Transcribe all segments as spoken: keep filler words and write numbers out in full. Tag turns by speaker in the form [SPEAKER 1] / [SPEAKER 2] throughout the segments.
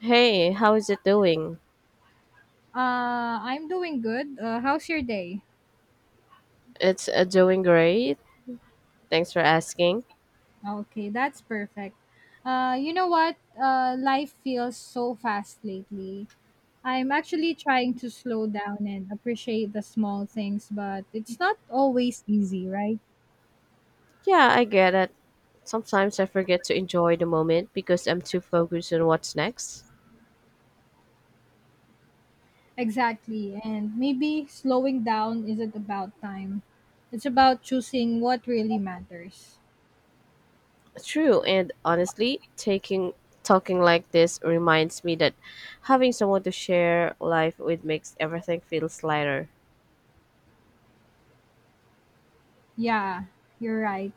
[SPEAKER 1] Hey, how is it doing?
[SPEAKER 2] Uh, I'm doing good. Uh, how's your day?
[SPEAKER 1] It's uh, doing great. Thanks for asking.
[SPEAKER 2] Okay, that's perfect. Uh, you know what? Uh, life feels so fast lately. I'm actually trying to slow down and appreciate the small things, but it's not always easy, right?
[SPEAKER 1] Yeah, I get it. Sometimes I forget to enjoy the moment because I'm too focused on what's next.
[SPEAKER 2] Exactly. And maybe slowing down isn't about time, it's about choosing what really matters.
[SPEAKER 1] True, and honestly, taking talking like this reminds me that having someone to share life with makes everything feels lighter.
[SPEAKER 2] Yeah, you're right.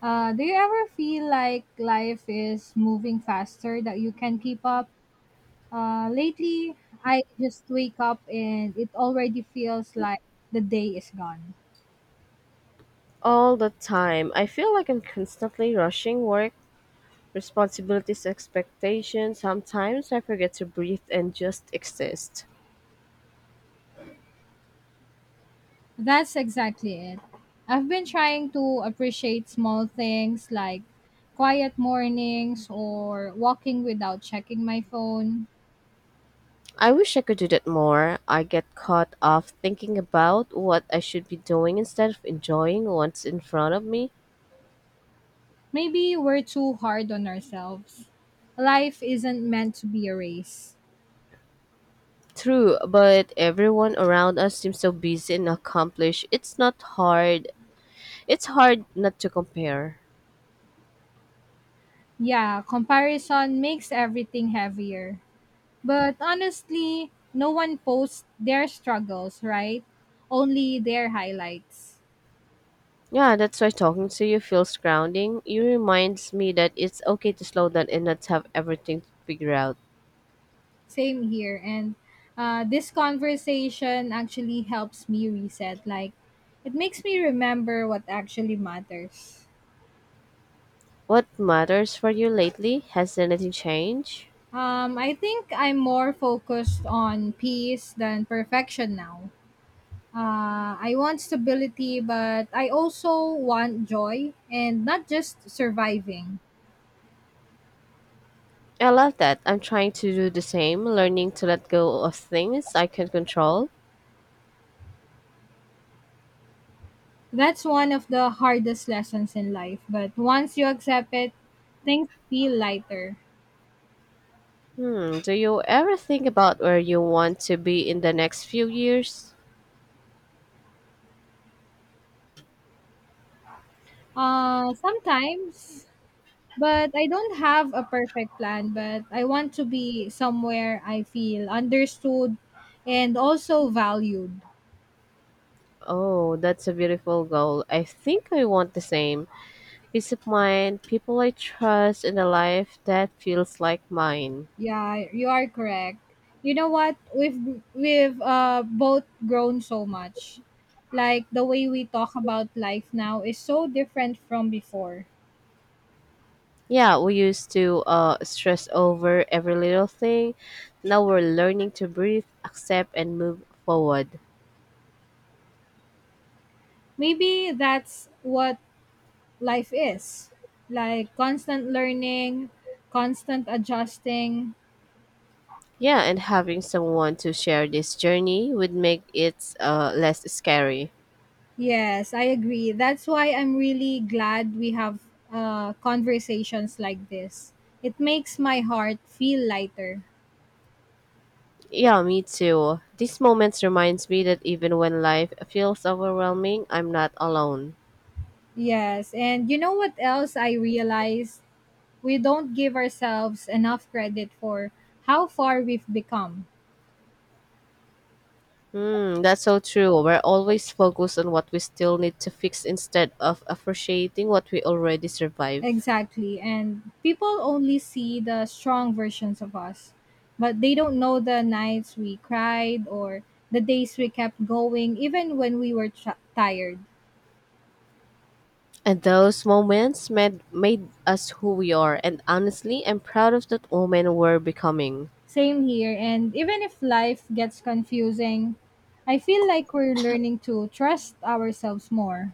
[SPEAKER 2] Uh, do you ever feel like life is moving faster that you can keep up? Uh, lately, I just wake up and it already feels like the day is gone.
[SPEAKER 1] All the time, I feel like I'm constantly rushing work, responsibilities, expectations. Sometimes I forget to breathe and just exist.
[SPEAKER 2] That's exactly it. I've been trying to appreciate small things like quiet mornings or walking without checking my phone.
[SPEAKER 1] I wish I could do that more. I get caught off thinking about what I should be doing instead of enjoying what's in front of me.
[SPEAKER 2] Maybe we're too hard on ourselves. Life isn't meant to be a race.
[SPEAKER 1] True, but everyone around us seems so busy and accomplished. It's not hard. It's hard not to compare.
[SPEAKER 2] Yeah, comparison makes everything heavier. But honestly, no one posts their struggles, right? Only their highlights.
[SPEAKER 1] Yeah, that's why talking to you feels grounding. You reminds me that it's okay to slow down and not have everything to figure out.
[SPEAKER 2] Same here. And uh, this conversation actually helps me reset. Like, it makes me remember what actually matters.
[SPEAKER 1] What matters for you lately? Has anything changed?
[SPEAKER 2] Um, I think I'm more focused on peace than perfection now. Uh, I want stability, but I also want joy and not just surviving.
[SPEAKER 1] I love that. I'm trying to do the same, learning to let go of things I can control.
[SPEAKER 2] That's one of the hardest lessons in life, but once you accept it, things feel lighter.
[SPEAKER 1] Hmm, do you ever think about where you want to be in the next few years?
[SPEAKER 2] Uh sometimes, but I don't have a perfect plan, but I want to be somewhere I feel understood and also valued.
[SPEAKER 1] Oh, that's a beautiful goal. I think I want the same. Peace of mind, people I trust, and a life that feels like mine.
[SPEAKER 2] Yeah, you are correct. You know what? We've we've uh both grown so much. Like the way we talk about life now is so different from before.
[SPEAKER 1] Yeah, we used to uh, stress over every little thing. Now we're learning to breathe, accept, and move forward.
[SPEAKER 2] Maybe that's what life is like, constant learning, constant adjusting.
[SPEAKER 1] Yeah, and having someone to share this journey would make it uh, less scary.
[SPEAKER 2] Yes, I agree. That's why I'm really glad we have uh, conversations like this. It makes my heart feel lighter.
[SPEAKER 1] Yeah, me too. These moments reminds me that even when life feels overwhelming, I'm not alone.
[SPEAKER 2] Yes, and you know what else I realized, we don't give ourselves enough credit for how far we've become.
[SPEAKER 1] Hmm, that's so true. We're always focused on what we still need to fix instead of appreciating what we already survived.
[SPEAKER 2] Exactly. And people only see the strong versions of us, but they don't know the nights we cried or the days we kept going, even when we were tra- tired.
[SPEAKER 1] And those moments made made us who we are. And honestly, I'm proud of that woman we're becoming.
[SPEAKER 2] Same here. And even if life gets confusing, I feel like we're learning to trust ourselves more.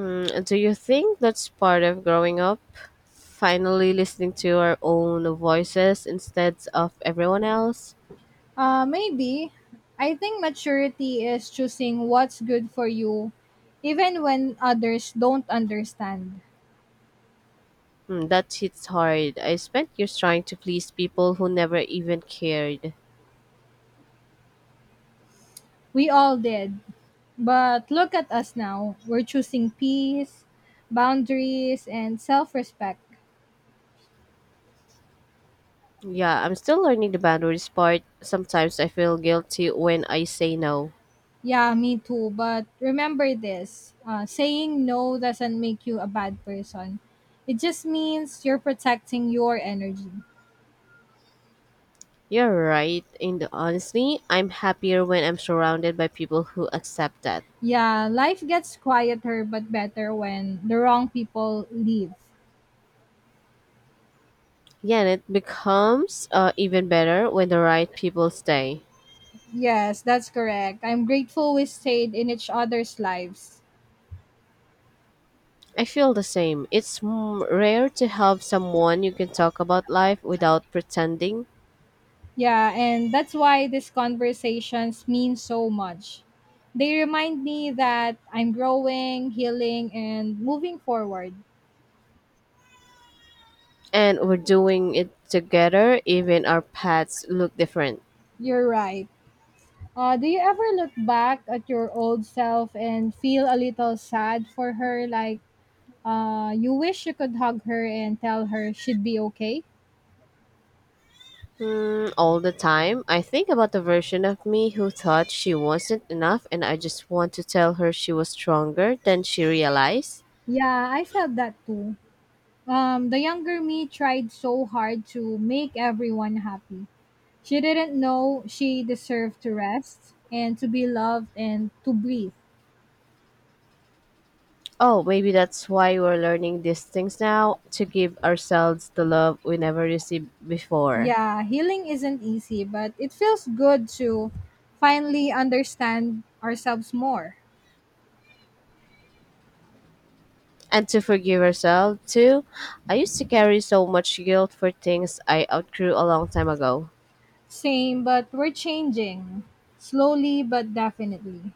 [SPEAKER 1] Mm, do you think that's part of growing up? Finally listening to our own voices instead of everyone else?
[SPEAKER 2] Uh, maybe. I think maturity is choosing what's good for you, even when others don't understand.
[SPEAKER 1] Mm, that hits hard. I spent years trying to please people who never even cared.
[SPEAKER 2] We all did. But look at us now. We're choosing peace, boundaries, and self respect.
[SPEAKER 1] Yeah, I'm still learning the boundaries part. Sometimes I feel guilty when I say no.
[SPEAKER 2] Yeah, me too. But remember this, uh, saying no doesn't make you a bad person, it just means you're protecting your energy.
[SPEAKER 1] You're right, and honestly, I'm happier when I'm surrounded by people who accept that.
[SPEAKER 2] Yeah, life gets quieter but better when the wrong people leave.
[SPEAKER 1] Yeah, and it becomes uh, even better when the right people stay.
[SPEAKER 2] Yes, that's correct. I'm grateful we stayed in each other's lives.
[SPEAKER 1] I feel the same. It's m- rare to have someone you can talk about life without pretending,
[SPEAKER 2] Yeah, and that's why these conversations mean so much. They remind me that I'm growing, healing, and moving forward.
[SPEAKER 1] and we're doing it together, even our paths look different.
[SPEAKER 2] You're right. Uh, do you ever look back at your old self and feel a little sad for her? Like, uh, you wish you could hug her and tell her she'd be okay?
[SPEAKER 1] Hmm, all the time, I think about the version of me who thought she wasn't enough, and I just want to tell her she was stronger than she realized.
[SPEAKER 2] Yeah, I felt that too. Um, the younger me tried so hard to make everyone happy. She didn't know she deserved to rest and to be loved and to breathe.
[SPEAKER 1] Oh, maybe that's why we're learning these things now to give ourselves the love we never received before.
[SPEAKER 2] Yeah, healing isn't easy, but it feels good to finally understand ourselves more.
[SPEAKER 1] And to forgive yourself, too. I used to carry so much guilt for things I outgrew a long time ago.
[SPEAKER 2] Same, but we're changing, slowly but definitely.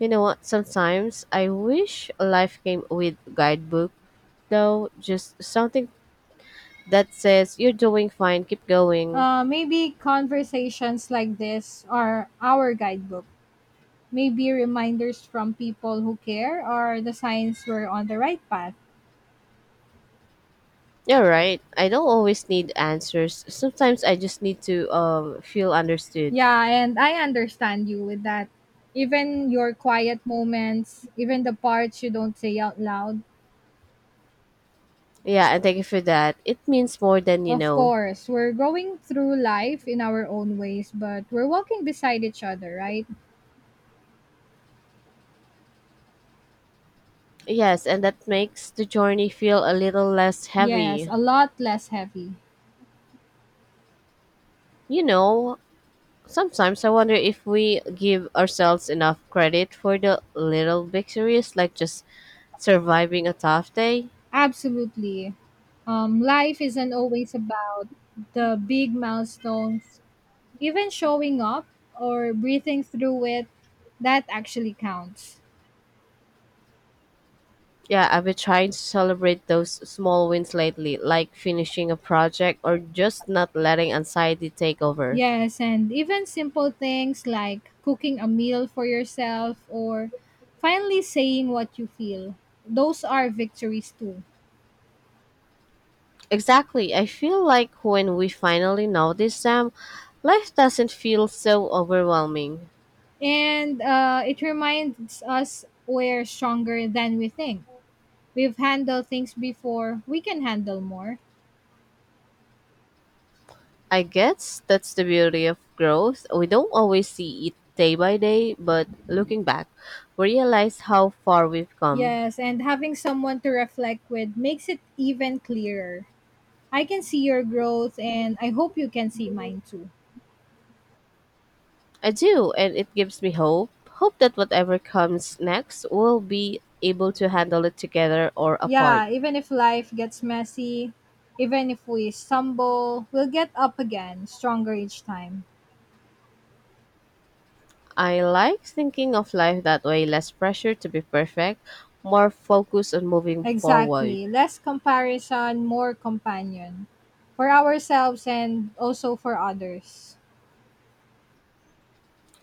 [SPEAKER 1] You know what? Sometimes I wish life came with guidebook, though, just something that says, "You're doing fine, keep going."
[SPEAKER 2] Uh, maybe conversations like this are our guidebook. Maybe reminders from people who care are the signs we're on the right path.
[SPEAKER 1] You're right. I don't always need answers. Sometimes I just need to um, feel understood.
[SPEAKER 2] Yeah, and I understand you with that. Even your quiet moments, even the parts you don't say out loud.
[SPEAKER 1] Yeah, and thank you for that. It means more than you
[SPEAKER 2] Of
[SPEAKER 1] know.
[SPEAKER 2] course, we're going through life in our own ways, but we're walking beside each other, right?
[SPEAKER 1] Yes, and that makes the journey feel a little less
[SPEAKER 2] Yes,
[SPEAKER 1] heavy.
[SPEAKER 2] a lot less heavy.
[SPEAKER 1] You know, sometimes I wonder if we give ourselves enough credit for the little victories, like just surviving a tough day.
[SPEAKER 2] Absolutely. Um, life isn't always about the big milestones. Even showing up or breathing through it, that actually counts.
[SPEAKER 1] Yeah, I've been trying to celebrate those small wins lately, like finishing a project or just not letting anxiety take over.
[SPEAKER 2] Yes, and even simple things like cooking a meal for yourself or finally saying what you feel. Those are victories too.
[SPEAKER 1] Exactly. I feel like when we finally notice them, life doesn't feel so overwhelming.
[SPEAKER 2] And uh, it reminds us we're stronger than we think. We've handled things before, we can handle more.
[SPEAKER 1] I guess that's the beauty of growth. We don't always see it day by day, but looking back, we realize how far we've come.
[SPEAKER 2] Yes, and having someone to reflect with makes it even clearer. I can see your growth, and I hope you can see mine too.
[SPEAKER 1] I do, and it gives me hope. Hope that whatever comes next, we'll be able to handle it together or apart.
[SPEAKER 2] Yeah, even if life gets messy, even if we stumble, we'll get up again, stronger each time.
[SPEAKER 1] I like thinking of life that way, less pressure to be perfect, more focus on moving forward.
[SPEAKER 2] Exactly. Less comparison, more companion, for ourselves and also for others.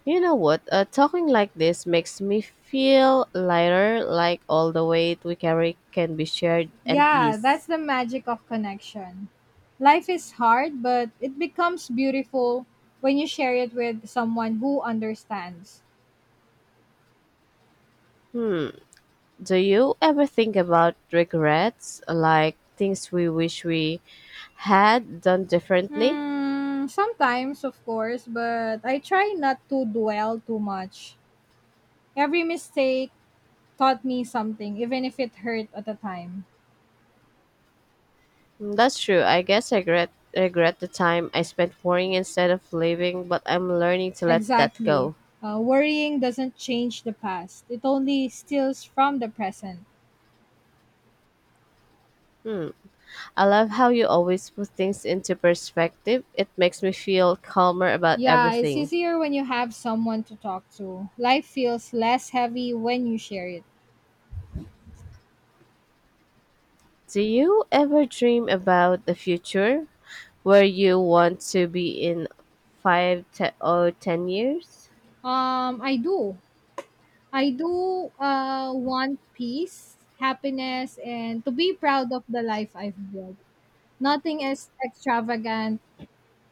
[SPEAKER 1] You know what? Uh, talking like this makes me feel lighter, like all the weight we carry can be shared and
[SPEAKER 2] Yeah,
[SPEAKER 1] eased.
[SPEAKER 2] that's the magic of connection. Life is hard, but it becomes beautiful when you share it with someone who understands.
[SPEAKER 1] Hmm. Do you ever think about regrets, like things we wish we had done differently?
[SPEAKER 2] Hmm, sometimes, of course, but I try not to dwell too much. Every mistake taught me something, even if it hurt at the time.
[SPEAKER 1] Mm, that's true. I guess I regret regret the time I spent worrying instead of living, but I'm learning to let that
[SPEAKER 2] Exactly.
[SPEAKER 1] go.
[SPEAKER 2] Uh, worrying doesn't change the past, it only steals from the present.
[SPEAKER 1] I love how you always put things into perspective. It makes me feel calmer about
[SPEAKER 2] Yeah, it's
[SPEAKER 1] everything.
[SPEAKER 2] easier when you have someone to talk to. Life feels less heavy when you share it.
[SPEAKER 1] Do you ever dream about a future where you want to be in five te- or ten years?
[SPEAKER 2] Um, I do. I do uh, want peace, happiness, and to be proud of the life I've built. Nothing is extravagant.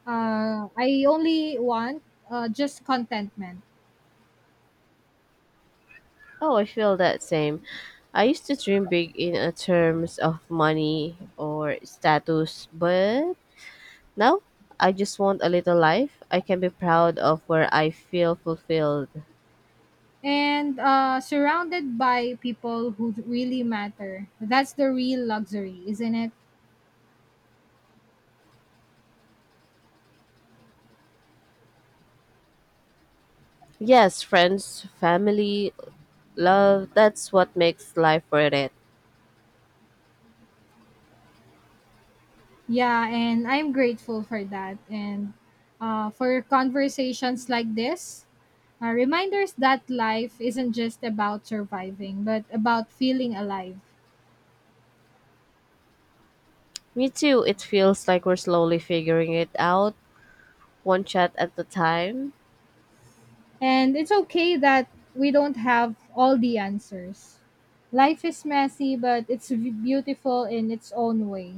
[SPEAKER 2] Uh, I only want uh, just contentment.
[SPEAKER 1] Oh, I feel that same. I used to dream big in a terms of money or status, but now I just want a little life I can be proud of where I feel fulfilled.
[SPEAKER 2] And uh, surrounded by people who really matter. That's the real luxury, isn't it?
[SPEAKER 1] Yes, friends, family, love, that's what makes life worth it.
[SPEAKER 2] Yeah, and I'm grateful for that, and uh, for conversations like this. Uh, reminders that life isn't just about surviving, but about feeling alive.
[SPEAKER 1] Me too, it feels like we're slowly figuring it out, one shot at a time.
[SPEAKER 2] And it's okay that we don't have all the answers. Life is messy, but it's v- beautiful in its own way.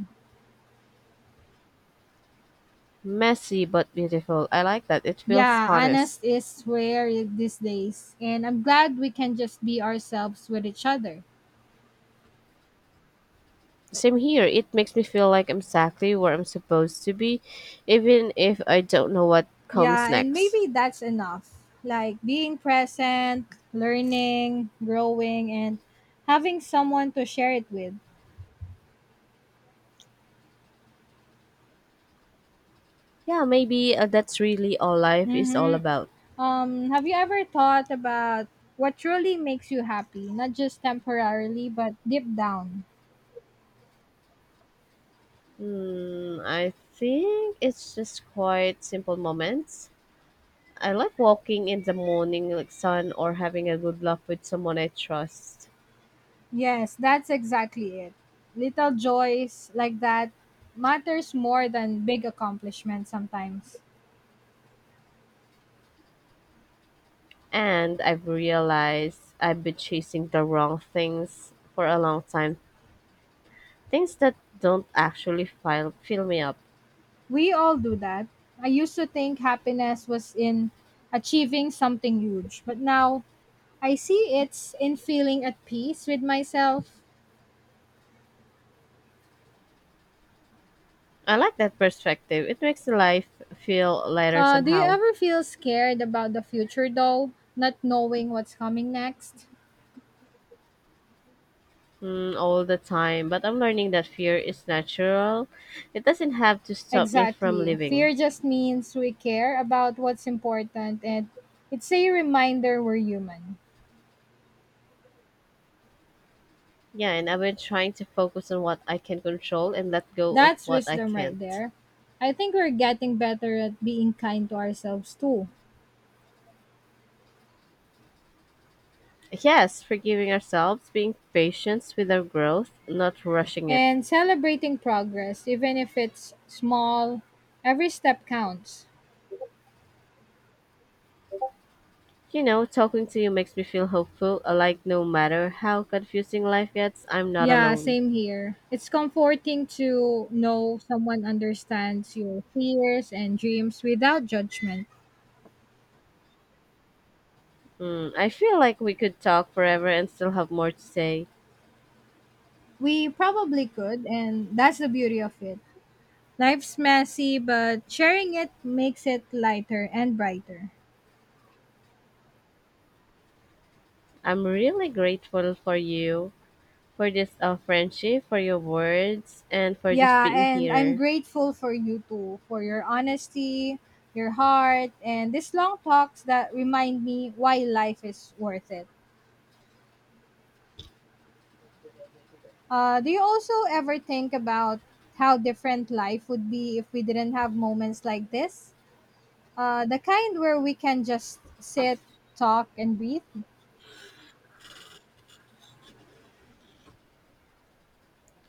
[SPEAKER 1] Messy but beautiful. I like that. It feels
[SPEAKER 2] Yeah,
[SPEAKER 1] honest.
[SPEAKER 2] honest is rare these days, and I'm glad we can just be ourselves with each other.
[SPEAKER 1] Same here. It makes me feel like I'm exactly where I'm supposed to be, even if I don't know what comes
[SPEAKER 2] Yeah, and
[SPEAKER 1] next.
[SPEAKER 2] maybe that's enough. Like being present, learning, growing, and having someone to share it with.
[SPEAKER 1] Yeah, maybe uh, that's really all life is all
[SPEAKER 2] Mm-hmm.
[SPEAKER 1] about.
[SPEAKER 2] Um, have you ever thought about what truly makes you happy, not just temporarily, but deep down?
[SPEAKER 1] Hmm, I think it's just quite simple moments. I like walking in the morning like sun or having a good laugh with someone I trust.
[SPEAKER 2] Yes, that's exactly it. Little joys like that matters more than big accomplishments sometimes.
[SPEAKER 1] And I've realized I've been chasing the wrong things for a long time. Things that don't actually fill fill me up.
[SPEAKER 2] We all do that. I used to think happiness was in achieving something huge, but now I see it's in feeling at peace with myself.
[SPEAKER 1] I like that perspective. It makes life feel lighter
[SPEAKER 2] Uh, do you
[SPEAKER 1] somehow.
[SPEAKER 2] ever feel scared about the future though, not knowing what's coming next?
[SPEAKER 1] Mm, all the time. But I'm learning that fear is natural. It doesn't have to stop me from
[SPEAKER 2] Exactly.
[SPEAKER 1] living.
[SPEAKER 2] Fear just means we care about what's important, and it's a reminder we're human.
[SPEAKER 1] Yeah, and I've been trying to focus on what I can control and let go of
[SPEAKER 2] That's
[SPEAKER 1] what I
[SPEAKER 2] wisdom right
[SPEAKER 1] can't.
[SPEAKER 2] there. I think we're getting better at being kind to ourselves too.
[SPEAKER 1] Yes, forgiving ourselves, being patient with our growth, not rushing it.
[SPEAKER 2] And celebrating progress, even if it's small, every step counts.
[SPEAKER 1] You know, talking to you makes me feel hopeful. Uh, like, no matter how confusing life gets, I'm not
[SPEAKER 2] Yeah,
[SPEAKER 1] alone.
[SPEAKER 2] same here. It's comforting to know someone understands your fears and dreams without judgment.
[SPEAKER 1] Hmm, I feel like we could talk forever and still have more to say.
[SPEAKER 2] We probably could, and that's the beauty of it. Life's messy, but sharing it makes it lighter and brighter.
[SPEAKER 1] I'm really grateful for you, for this uh, friendship, for your words, and for just
[SPEAKER 2] Yeah,
[SPEAKER 1] being
[SPEAKER 2] and I'm
[SPEAKER 1] here.
[SPEAKER 2] grateful for you too, for your honesty, your heart, and these long talks that remind me why life is worth it. Uh, do you also ever think about how different life would be if we didn't have moments like this? Uh, the kind where we can just sit, talk, and breathe,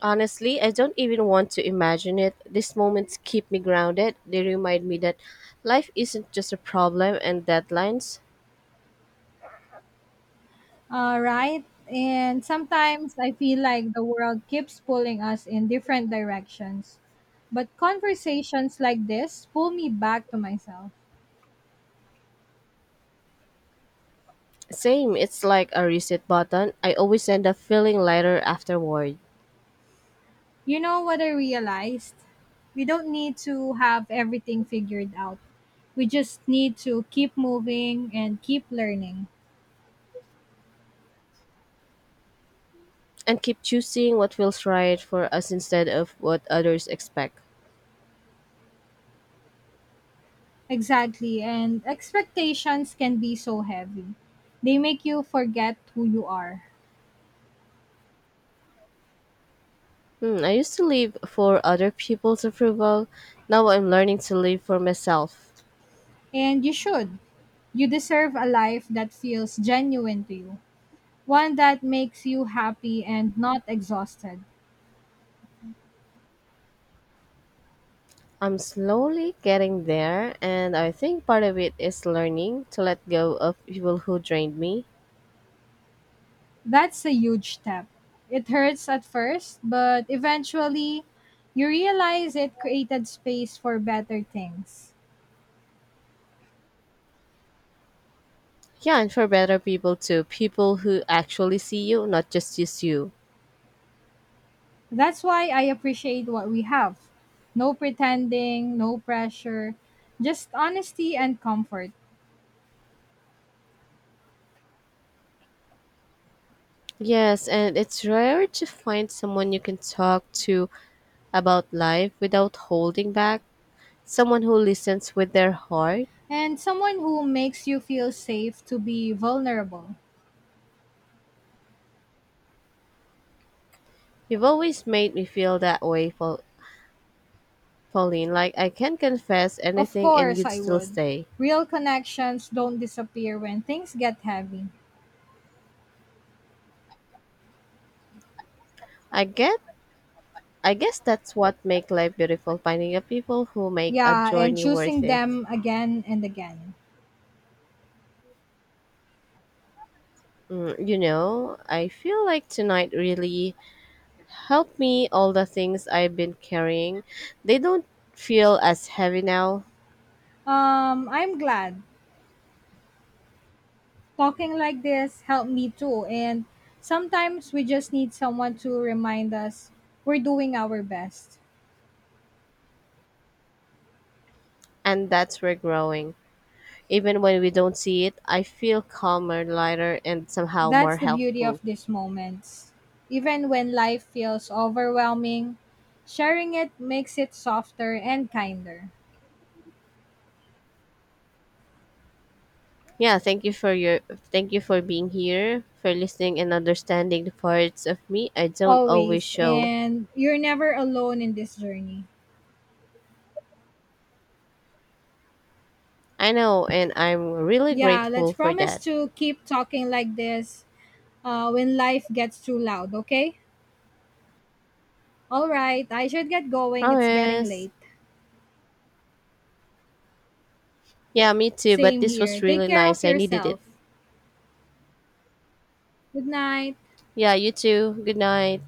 [SPEAKER 1] Honestly, I don't even want to imagine it. These moments keep me grounded. They remind me that life isn't just a problem and deadlines.
[SPEAKER 2] uh, right? And sometimes I feel like the world keeps pulling us in different directions. But conversations like this pull me back to myself.
[SPEAKER 1] Same, it's like a reset button. I always end up feeling lighter afterward.
[SPEAKER 2] You know what I realized? We don't need to have everything figured out. We just need to keep moving and keep learning.
[SPEAKER 1] And keep choosing what feels right for us instead of what others expect.
[SPEAKER 2] Exactly, and expectations can be so heavy. They make you forget who you are.
[SPEAKER 1] Hmm, I used to live for other people's approval. Now I'm learning to live for myself.
[SPEAKER 2] And you should. You deserve a life that feels genuine to you, one that makes you happy and not exhausted.
[SPEAKER 1] I'm slowly getting there, and I think part of it is learning to let go of people who drained me.
[SPEAKER 2] That's a huge step. It hurts at first, but eventually you realize it created space for better things.
[SPEAKER 1] Yeah, and for better people too, people who actually see you, not just use you.
[SPEAKER 2] That's why I appreciate what we have. No pretending, no pressure, just honesty and comfort.
[SPEAKER 1] Yes, and it's rare to find someone you can talk to about life without holding back, someone who listens with their heart.
[SPEAKER 2] And someone who makes you feel safe to be vulnerable.
[SPEAKER 1] You've always made me feel that way, Pau- Pauline. Like I can confess
[SPEAKER 2] Of
[SPEAKER 1] anything and
[SPEAKER 2] course,
[SPEAKER 1] you'd
[SPEAKER 2] I
[SPEAKER 1] still
[SPEAKER 2] would.
[SPEAKER 1] stay.
[SPEAKER 2] Real connections don't disappear when things get heavy.
[SPEAKER 1] I get. I guess that's what makes life beautiful. Finding the people who make a
[SPEAKER 2] Yeah, and
[SPEAKER 1] journey worth
[SPEAKER 2] choosing
[SPEAKER 1] it.
[SPEAKER 2] them again and again.
[SPEAKER 1] Mm, you know, I feel like tonight really helped me. All the things I've been carrying, they don't feel as heavy now,
[SPEAKER 2] Um, I'm glad. Talking like this helped me too. And sometimes we just need someone to remind us we're doing our best.
[SPEAKER 1] and that's where growing. Even when we don't see it, I feel calmer, lighter, and somehow more
[SPEAKER 2] That's the beauty
[SPEAKER 1] helpful.
[SPEAKER 2] of these moments. Even when life feels overwhelming, sharing it makes it softer and kinder.
[SPEAKER 1] Yeah, thank you for your, thank you for being here, for listening and understanding the parts of me I don't always
[SPEAKER 2] Always.
[SPEAKER 1] show.
[SPEAKER 2] And you're never alone in this journey.
[SPEAKER 1] I know, and I'm really
[SPEAKER 2] Yeah,
[SPEAKER 1] grateful
[SPEAKER 2] let's
[SPEAKER 1] for
[SPEAKER 2] promise
[SPEAKER 1] that.
[SPEAKER 2] to keep talking like this, uh, when life gets too loud, okay? All right, I should get going. It's getting
[SPEAKER 1] Promise.
[SPEAKER 2] late.
[SPEAKER 1] Yeah, me too, but
[SPEAKER 2] Same
[SPEAKER 1] this was
[SPEAKER 2] here.
[SPEAKER 1] really
[SPEAKER 2] Take care of
[SPEAKER 1] nice. I needed it.
[SPEAKER 2] yourself. Good night.
[SPEAKER 1] Yeah, you too. Good night.